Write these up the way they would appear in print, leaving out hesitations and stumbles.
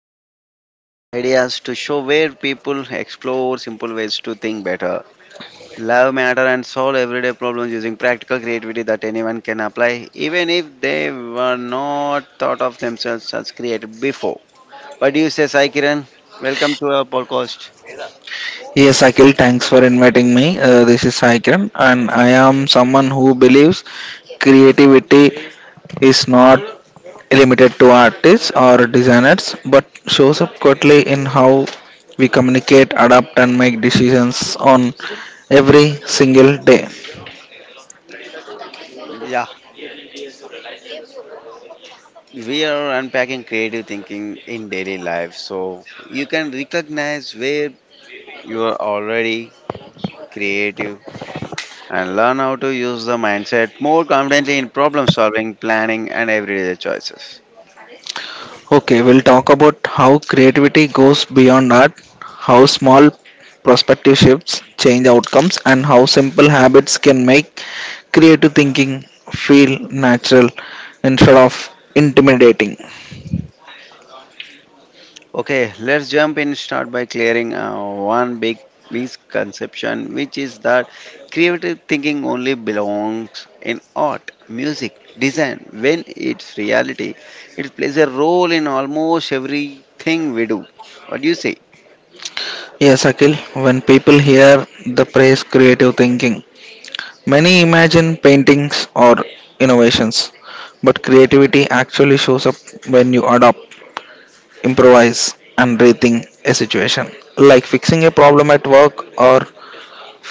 listening to Everyday Ideas to show where people explore simple ways to think better, love matter, and solve everyday problems using practical creativity that anyone can apply, even if they were not thought of themselves as creative before. What do you say, Sai Kiran? Welcome to our podcast. Yes, Akhil, thanks for inviting me. This is Saikiran, and I am someone who believes creativity is not limited to artists or designers but shows up quickly in how we communicate, adapt, and make decisions on every single day. Yeah, we are unpacking creative thinking in daily life, so you can recognize where you are already creative and learn how to use the mindset more confidently in problem solving, planning, and everyday choices. Okay, we'll talk about how creativity goes beyond art, how small perspective shifts change outcomes, and how simple habits can make creative thinking feel natural instead of intimidating. Okay, let's jump in. Start by clearing one big misconception, which is that creative thinking only belongs in art, music, design. When it's reality, it plays a role in almost everything we do. What do you say? Yes, Akhil, when people hear the phrase creative thinking, many imagine paintings or innovations, but creativity actually shows up when you adopt, improvise, and rethink a situation, like fixing a problem at work or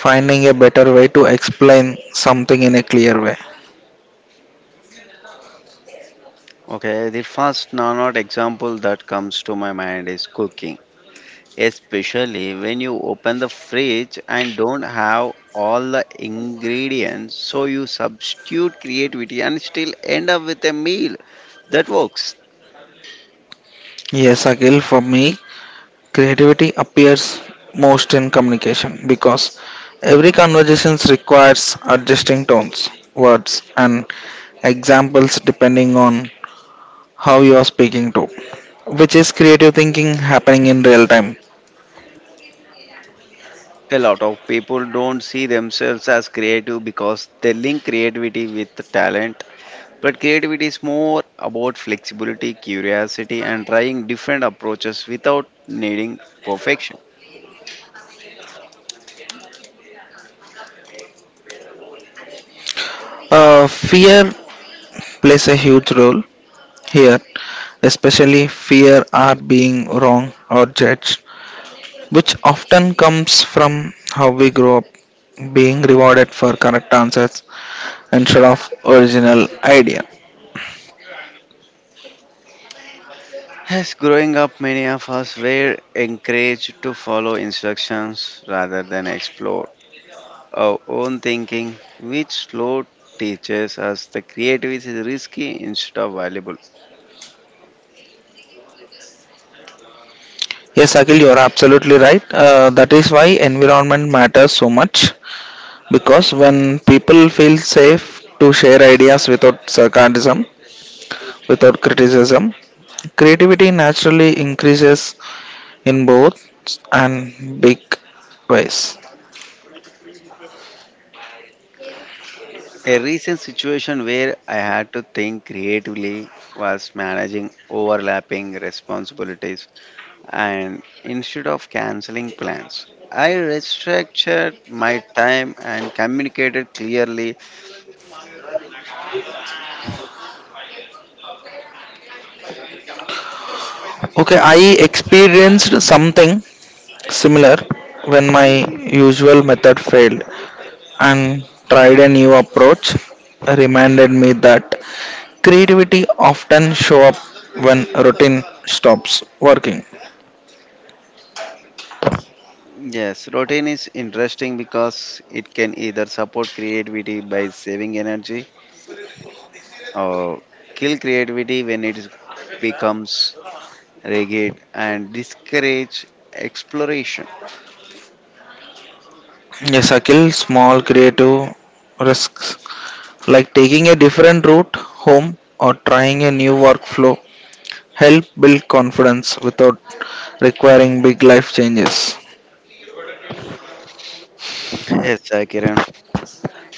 finding a better way to explain something in a clear way. Okay, the first non-art example that comes to my mind is cooking, especially when you open the fridge and don't have all the ingredients, so you substitute creativity and still end up with a meal that works. Yes, Akhil, for me, creativity appears most in communication because every conversation requires adjusting tones, words, and examples depending on how you are speaking to, which is creative thinking happening in real time. A lot of people don't see themselves as creative because they link creativity with talent, but creativity is more about flexibility, curiosity, and trying different approaches without needing perfection. Fear plays a huge role here, especially fear are being wrong or judged which often comes from how we grow up being rewarded for correct answers instead of original idea. As growing up, many of us were encouraged to follow instructions rather than explore our own thinking, which slow teaches us the creativity is risky instead of valuable. Yes, Akhil, you are absolutely right. That is why environment matters so much because when people feel safe to share ideas without sarcasm, without criticism, creativity naturally increases in both and big ways. A recent situation where I had to think creatively was managing overlapping responsibilities, and instead of canceling plans, I restructured my time and communicated clearly. Okay, I experienced something similar, when my usual method failed and tried a new approach, reminded me that creativity often show up when routine stops working. Yes, routine is interesting because it can either support creativity by saving energy, uh, kill creativity when it becomes rigid and discourage exploration. Yes, Akhil, small creative risks like taking a different route home or trying a new workflow help build confidence without requiring big life changes. Yes, sir, Kiran.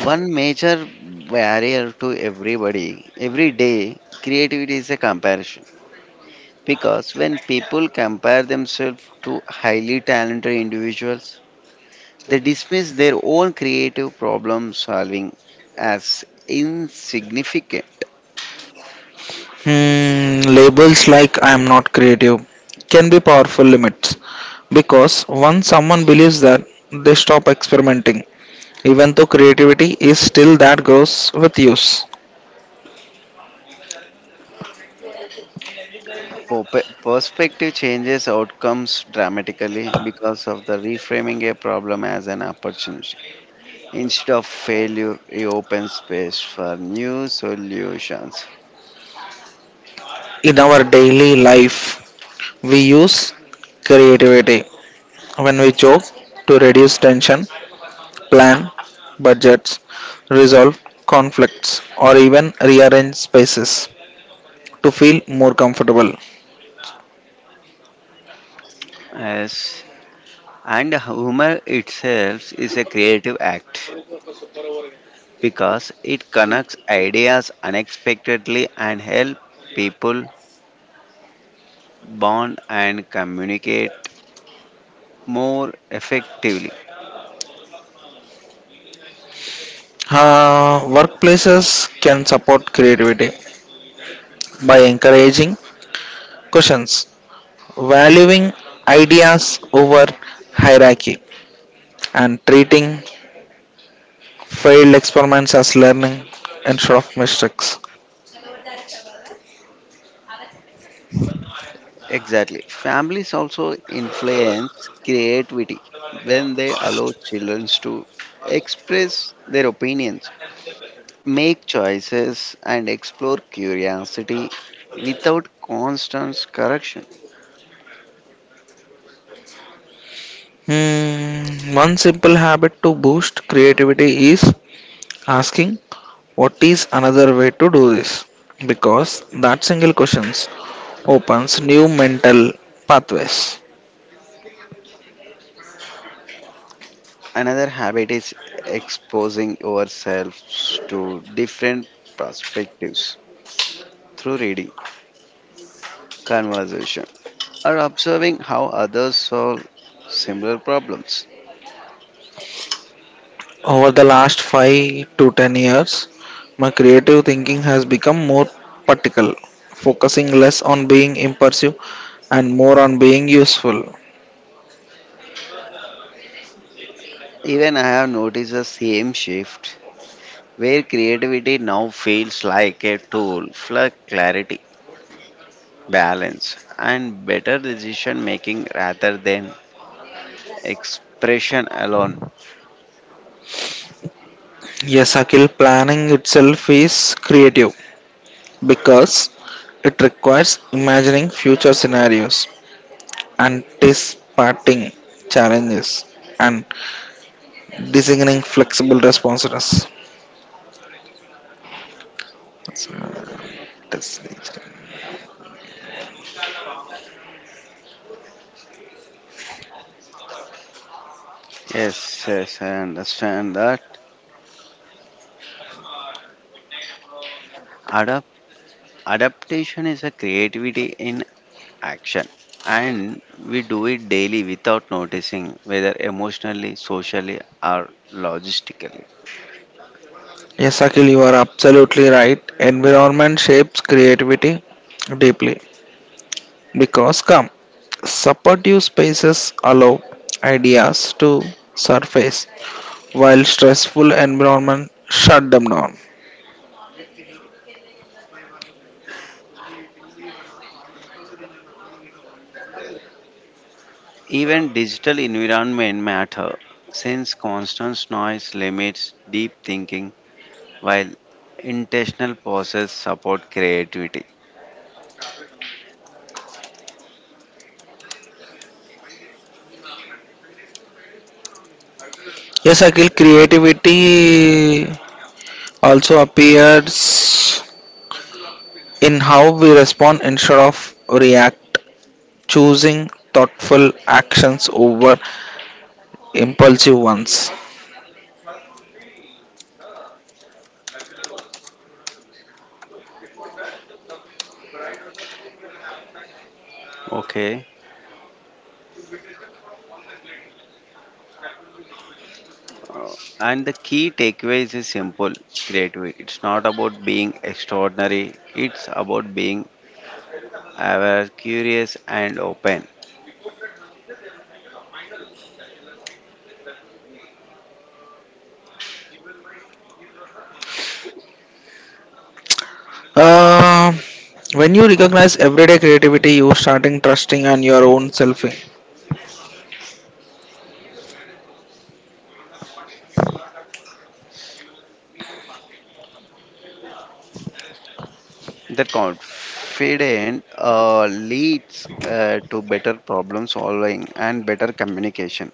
One major barrier to everybody, every day, creativity is a comparison. Because when people compare themselves to highly talented individuals, they dismiss their own creative problem solving as insignificant. Hmm, labels like I am not creative can be powerful limits because once someone believes that they stop experimenting, even though creativity is still that grows with use. Perspective changes outcomes dramatically because of the reframing a problem as an opportunity. Instead of failure, it opens space for new solutions. In our daily life, we use creativity when we joke to reduce tension, plan budgets, resolve conflicts, or even rearrange spaces to feel more comfortable. Yes. And humor itself is a creative act because it connects ideas unexpectedly and help people bond and communicate more effectively. Workplaces can support creativity by encouraging questions, valuing ideas over hierarchy, and treating failed experiments as learning instead of mistakes. Exactly. Families also influence creativity when they allow children to express their opinions, make choices, and explore curiosity without constant correction. Hmm, one simple habit to boost creativity is asking what is another way to do this because that single question opens new mental pathways. Another habit is exposing ourselves to different perspectives through reading, conversation, or observing how others solve similar problems. Over the last 5 to 10 years, my creative thinking has become more practical, focusing less on being impulsive and more on being useful. Even I have noticed the same shift where creativity now feels like a tool for clarity, balance, and better decision making rather than expression alone. Yes, Akhil, planning itself is creative because it requires imagining future scenarios, anticipating challenges, and designing flexible responses. So, that's it. Yes, yes, I understand that. Adapt- Adaptation is a creativity in action, and we do it daily without noticing, whether emotionally, socially, or logistically. Yes, Akhil, you are absolutely right. Environment shapes creativity deeply because come supportive spaces allow ideas to surface while stressful environment shut them down. Even digital environment matter since constant noise limits deep thinking while intentional pauses support creativity. Yes, Akhil, creativity also appears in how we respond instead of react, choosing thoughtful actions over impulsive ones. Okay. Uh, and the key takeaways is simple creativity. It's not about being extraordinary, it's about being aware, curious, and open. Uh, when you recognize everyday creativity, you starting trusting on your own self, That confident leads to better problem solving and better communication.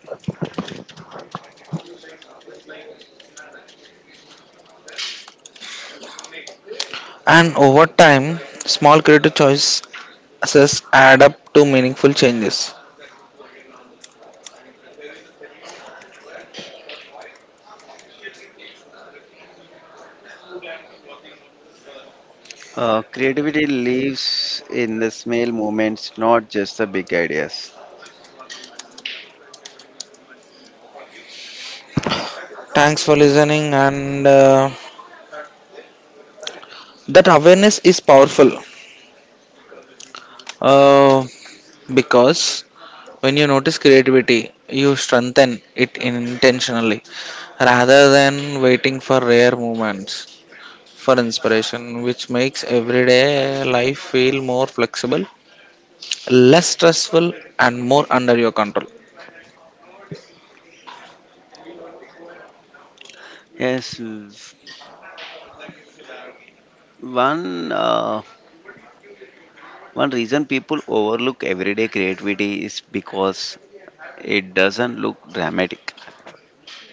and over time, small creative choices add up to meaningful changes. Creativity lives in the small moments, not just the big ideas. Thanks for listening, and that awareness is powerful uh, because when you notice creativity, you strengthen it intentionally rather than waiting for rare moments for inspiration, which makes everyday life feel more flexible less stressful and more under your control. Yes, l- one uh, One reason people overlook everyday creativity is because it doesn't look dramatic.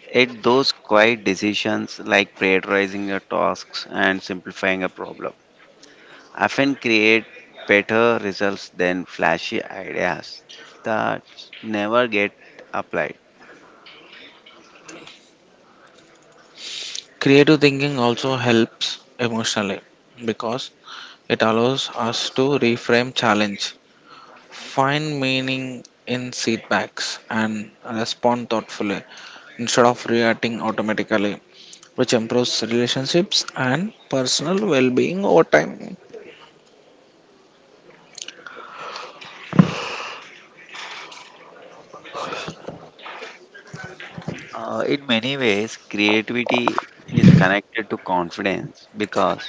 It those quiet decisions like prioritizing your tasks and simplifying a problem often create better results than flashy ideas that never get applied. Creative thinking also helps emotionally because it allows us to reframe challenge, find meaning in setbacks, and respond thoughtfully instead of reacting automatically, which improves relationships and personal well being over time. In many ways, creativity is connected to confidence because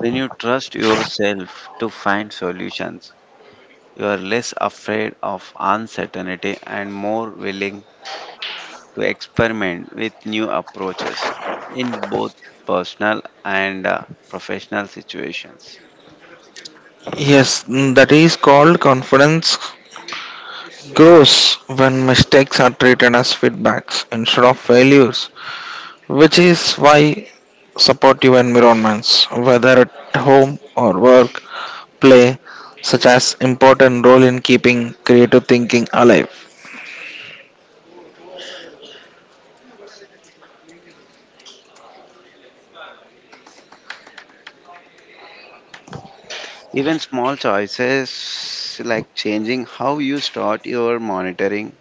when you trust yourself to find solutions, you are less afraid of uncertainty and more willing to experiment with new approaches in both personal and professional situations. Yes, mm, that is called confidence grows when mistakes are treated as feedbacks instead of failures which is why supportive environments, whether at home or work, play such as important role in keeping creative thinking alive. Even small choices like changing how you start your monitoring,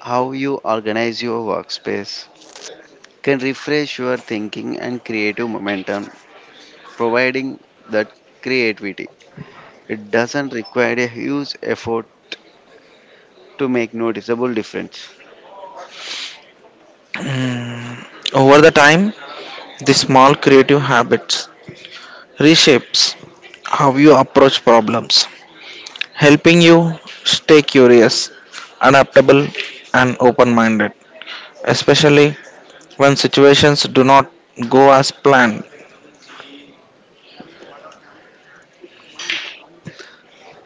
how you organize your workspace, can refresh your thinking and creative momentum, providing that creativity. It doesn't require a huge effort to make noticeable difference. Hmm. Over the time, these small creative habits reshapes how you approach problems, helping you stay curious, adaptable, and open-minded, especially when situations do not go as planned.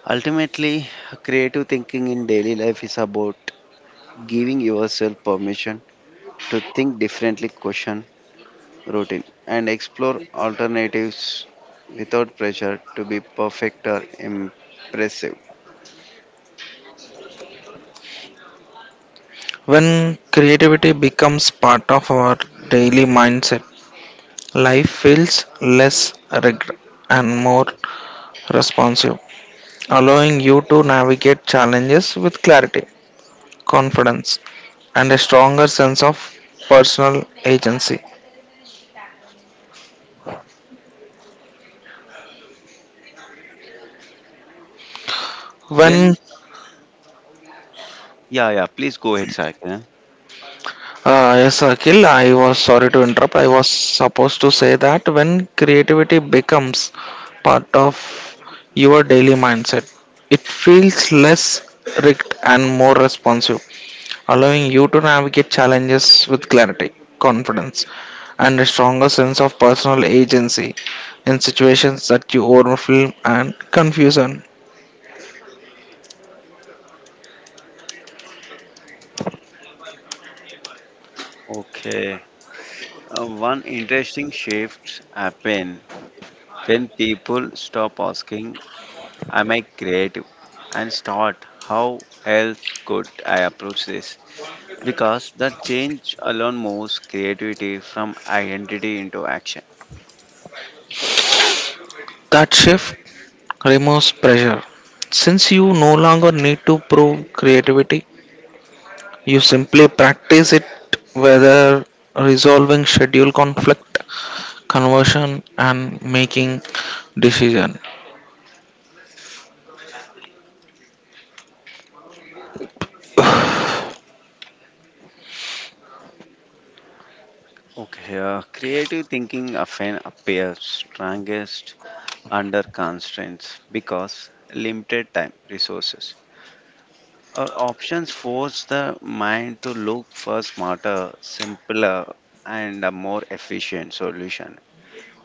Ultimately, creative thinking in daily life is about giving yourself permission to think differently, question routine, and explore alternatives without pressure to be perfect or impressive. When creativity becomes part of our daily mindset, life feels less rigid and more responsive, allowing you to navigate challenges with clarity, confidence, and a stronger sense of personal agency. When, When yeah, yeah, please go ahead, Sakina. Yes, Akhil, I was sorry to interrupt. I was supposed to say that when creativity becomes part of your daily mindset, it feels less rigged and more responsive allowing you to navigate challenges with clarity, confidence, and a stronger sense of personal agency in situations that you overwhelm and confusion. Okay. One interesting shift happen when people stop asking, "Am I creative?" and start, "How else could I approach this?" Because that change alone moves creativity from identity into action. That shift removes pressure. Since you no longer need to prove creativity, you simply practice it whether resolving schedule conflict, conversion, and making decision. Okay, creative thinking often appears strongest under constraints because limited time, resources, or options force the mind to look for smarter, simpler, and a more efficient solution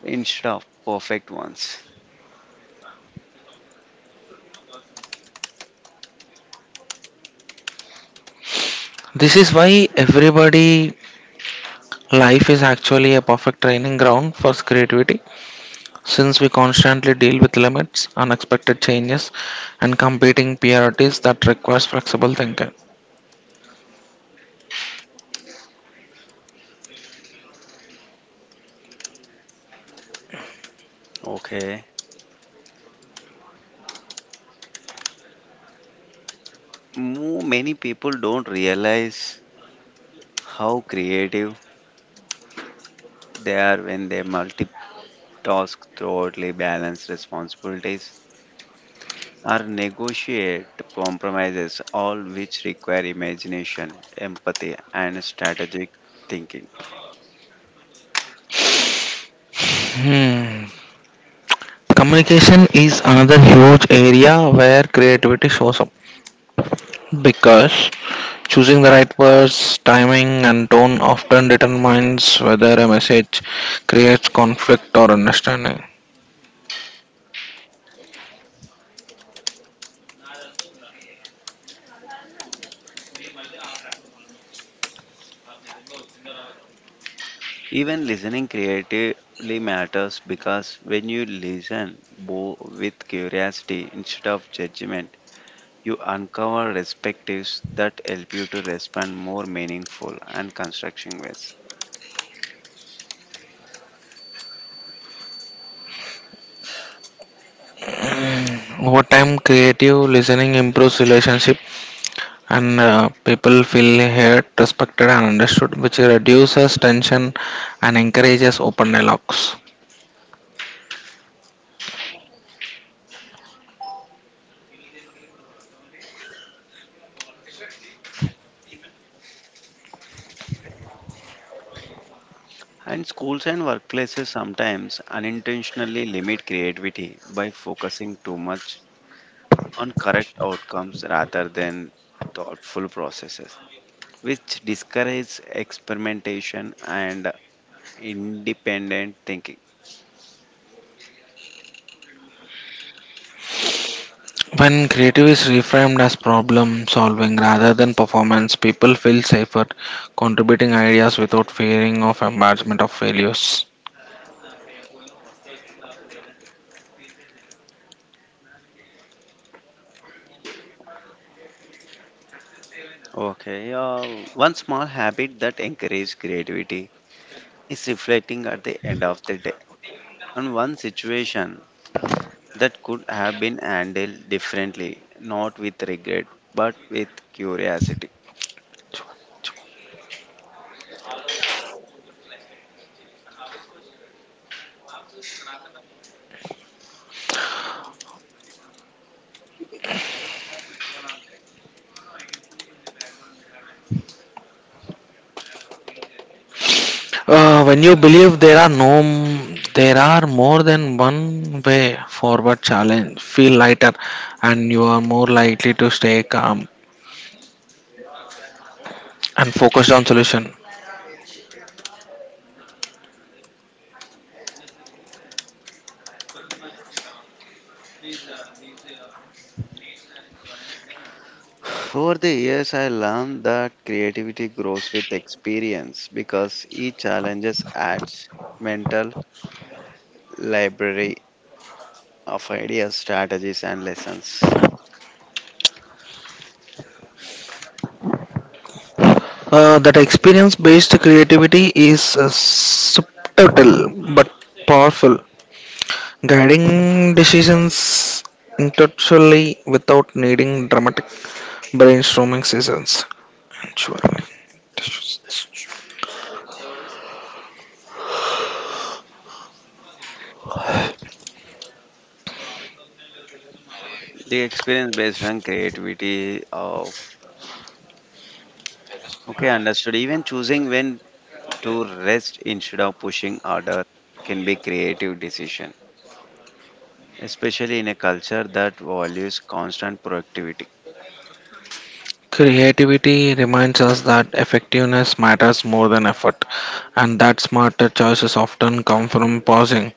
instead of perfect ones. This is why everybody life is actually a perfect training ground for creativity since we constantly deal with limits, unexpected changes, and competing priorities that requires flexible thinking. Okay, many people don't realize how creative they are when they multiply tasks thoughtfully, balance responsibilities, or negotiate compromises, all which require imagination, empathy, and strategic thinking. Hmm. Communication is another huge area where creativity shows up because choosing the right words, timing, and tone often determines whether a message creates conflict or understanding. Even listening creatively matters because when you listen with curiosity instead of judgment, you uncover perspectives that help you to respond more meaningful and constructive ways. Hmm. Over time, creative listening improves relationship and people feel heard, respected, and understood, which reduces tension and encourages open dialogues. And schools and workplaces sometimes unintentionally limit creativity by focusing too much on correct outcomes rather than thoughtful processes, which discourages experimentation and independent thinking. When creative is reframed as problem solving rather than performance, people feel safer contributing ideas without fearing of embarrassment of failures. Okay, one small habit that encourages creativity is reflecting at the end of the day on one situation that could have been handled differently, not with regret but with curiosity. When you believe there are no, there are more than one way forward challenge, feel lighter, and you are more likely to stay calm and focused on solution. Over the years, I learned that creativity grows with experience because each challenge adds mental library of ideas, strategies, and lessons. That experience based creativity is subtle but powerful, guiding decisions intellectually without needing dramatic brainstorming sessions. Actually, The experience based on creativity of okay, understood. Even choosing when to rest instead of pushing harder can be creative decision, especially in a culture that values constant productivity. creativity reminds us that effectiveness matters more than effort, and that smarter choices often come from pausing.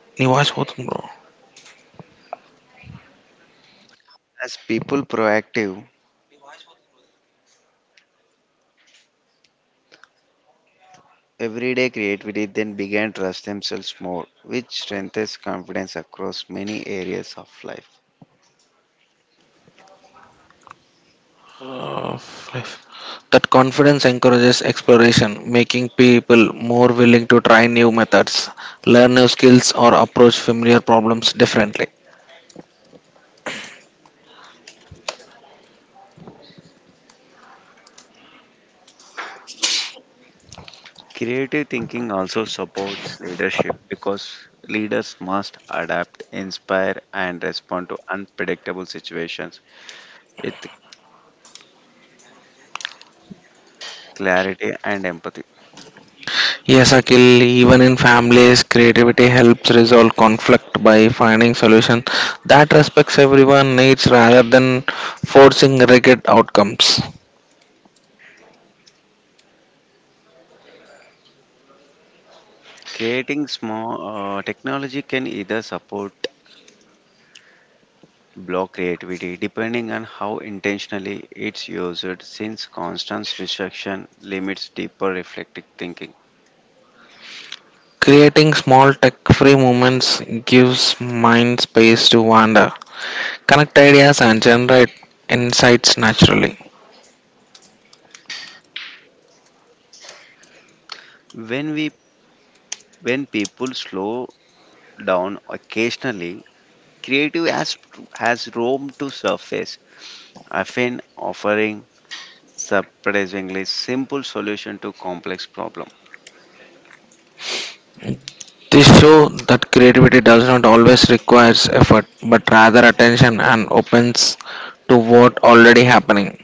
नहीं, आवाज बहुत कम As people proactive everyday creativity then began to trust themselves more, which strengthens confidence across many areas of life. of life. That confidence encourages exploration, making people more willing to try new methods, learn new skills, or approach familiar problems differently. Creative thinking also supports leadership because leaders must adapt, inspire, and respond to unpredictable situations with clarity and empathy. Yes, Akhil, even in families, creativity helps resolve conflict by finding solutions that respects everyone needs rather than forcing rigid outcomes. Creating small technology can either support block creativity depending on how intentionally it's used, since constant distraction limits deeper reflective thinking. Creating small tech-free moments gives mind space to wander, connect ideas and generate insights naturally. When we When people slow down occasionally, creative has room to surface, often offering surprisingly simple solution to complex problem. This shows that creativity does not always requires effort, but rather attention and opens to what already happening.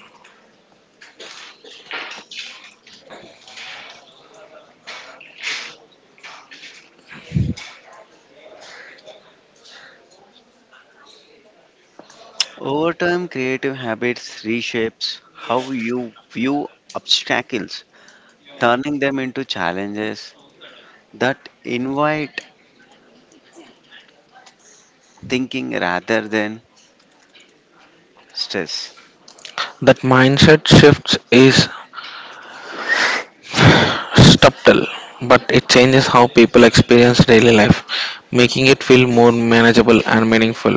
Over time, creative habits reshapes how you view obstacles, turning them into challenges that invite thinking rather than stress. That mindset shift is subtle, but it changes how people experience daily life, making it feel more manageable and meaningful.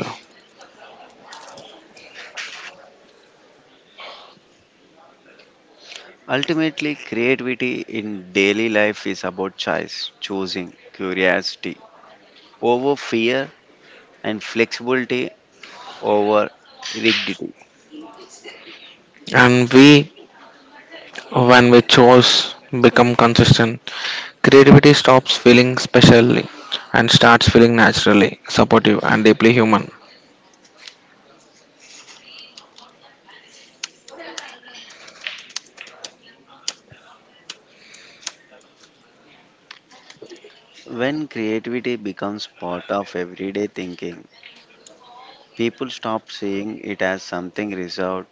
Ultimately, creativity in daily life is about choice, choosing curiosity over fear and flexibility over rigidity. And we, when we choose, become consistent. Creativity stops feeling specially and starts feeling naturally, supportive, and deeply human. When creativity becomes part of everyday thinking, people stop seeing it as something reserved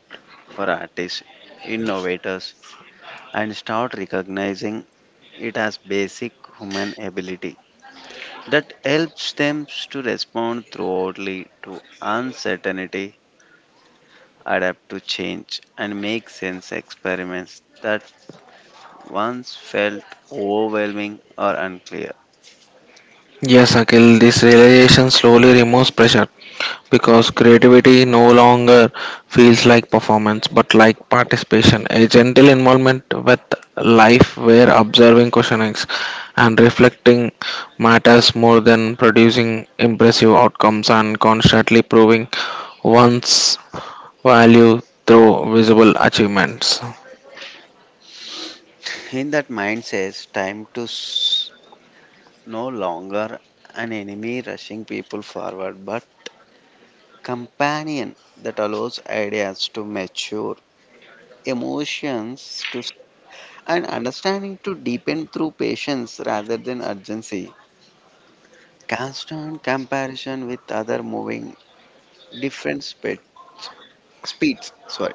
for artists, innovators, and start recognizing it as basic human ability that helps them to respond thoroughly to uncertainty, adapt to change, and make sense experiments that once felt overwhelming or unclear. Yes, Akhil, this realization slowly removes pressure because creativity no longer feels like performance but like participation, a gentle involvement with life where observing questionings and reflecting matters more than producing impressive outcomes and constantly proving one's value through visible achievements. In that mind says time to no longer an enemy rushing people forward, but companion that allows ideas to mature, emotions to and understanding to deepen through patience rather than urgency. Constant comparison with other moving different speed, speeds. Sorry,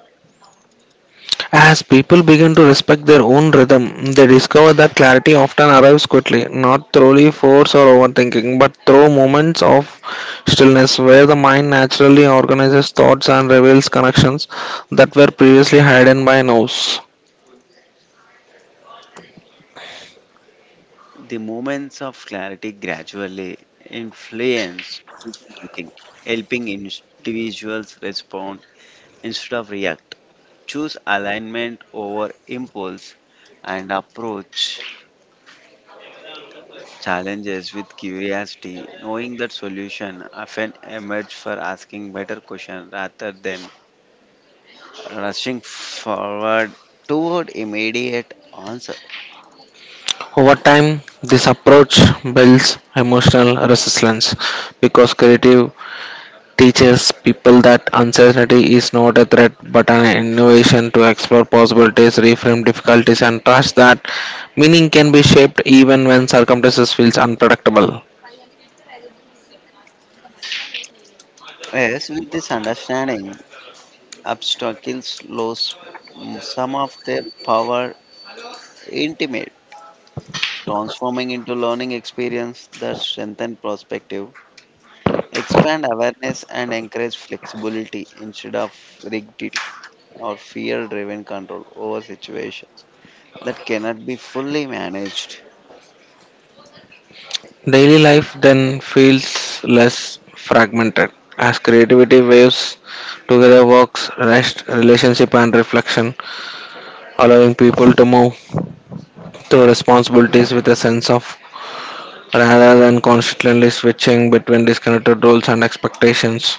As people begin to respect their own rhythm, they discover that clarity often arrives quickly, not through force or overthinking, but through moments of stillness where the mind naturally organizes thoughts and reveals connections that were previously hidden by noise. the moments of clarity gradually influence decision making, helping individuals respond instead of react. Choose alignment over impulse and approach challenges with curiosity, knowing that solution often emerge for asking better questions rather than rushing forward toward immediate answer. Over time, this approach builds emotional resilience because creative teaches people that uncertainty is not a threat but an innovation to explore possibilities, reframe difficulties, and trust that meaning can be shaped even when circumstances feels unpredictable. Yes, with this understanding, obstacles lose some of their power intimate, transforming into learning experience that strengthen perspective, expand awareness, and encourage flexibility instead of rigidity or fear driven control over situations that cannot be fully managed. Daily life then feels less fragmented as creativity waves together works, rest, relationship, and reflection, allowing people to move to responsibilities with a sense of rather than constantly switching between disconnected roles and expectations.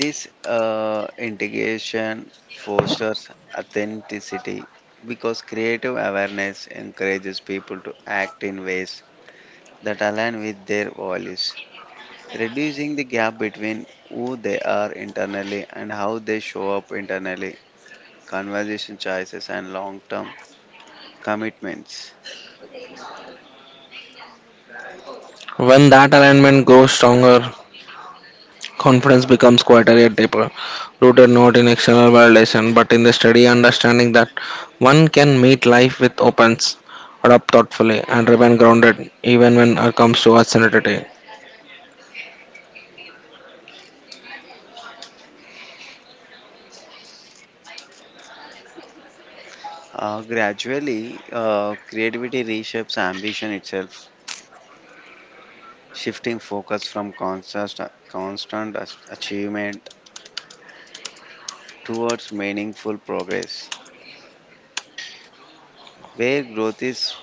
This integration fosters authenticity because creative awareness encourages people to act in ways that align with their values, reducing the gap between who they are internally and how they show up internally. Conversation choices and long term commitments. When that alignment grows stronger, confidence becomes quieter yet deeper, rooted not in external validation but in the steady understanding that one can meet life with opens, adapt thoughtfully, and remain grounded even when it comes to uncertainty. Gradually, creativity reshapes ambition itself, shifting focus from achievement towards meaningful progress, where growth is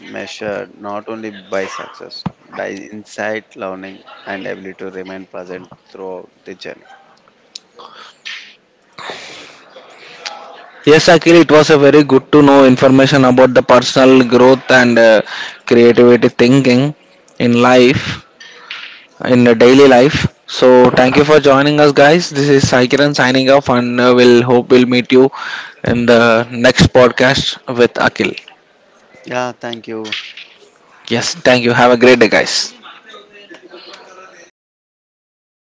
measured not only by success, by insight, learning, and ability to remain present throughout the journey. Yes, Akhil, it was a very good to know information about the personal growth and creativity thinking in life. In the daily life. So thank you for joining us, guys. This is Saikiran signing off, and we'll hope we'll meet you in the next podcast with Akil. Yeah, thank you. Yes, thank you. Have a great day, guys.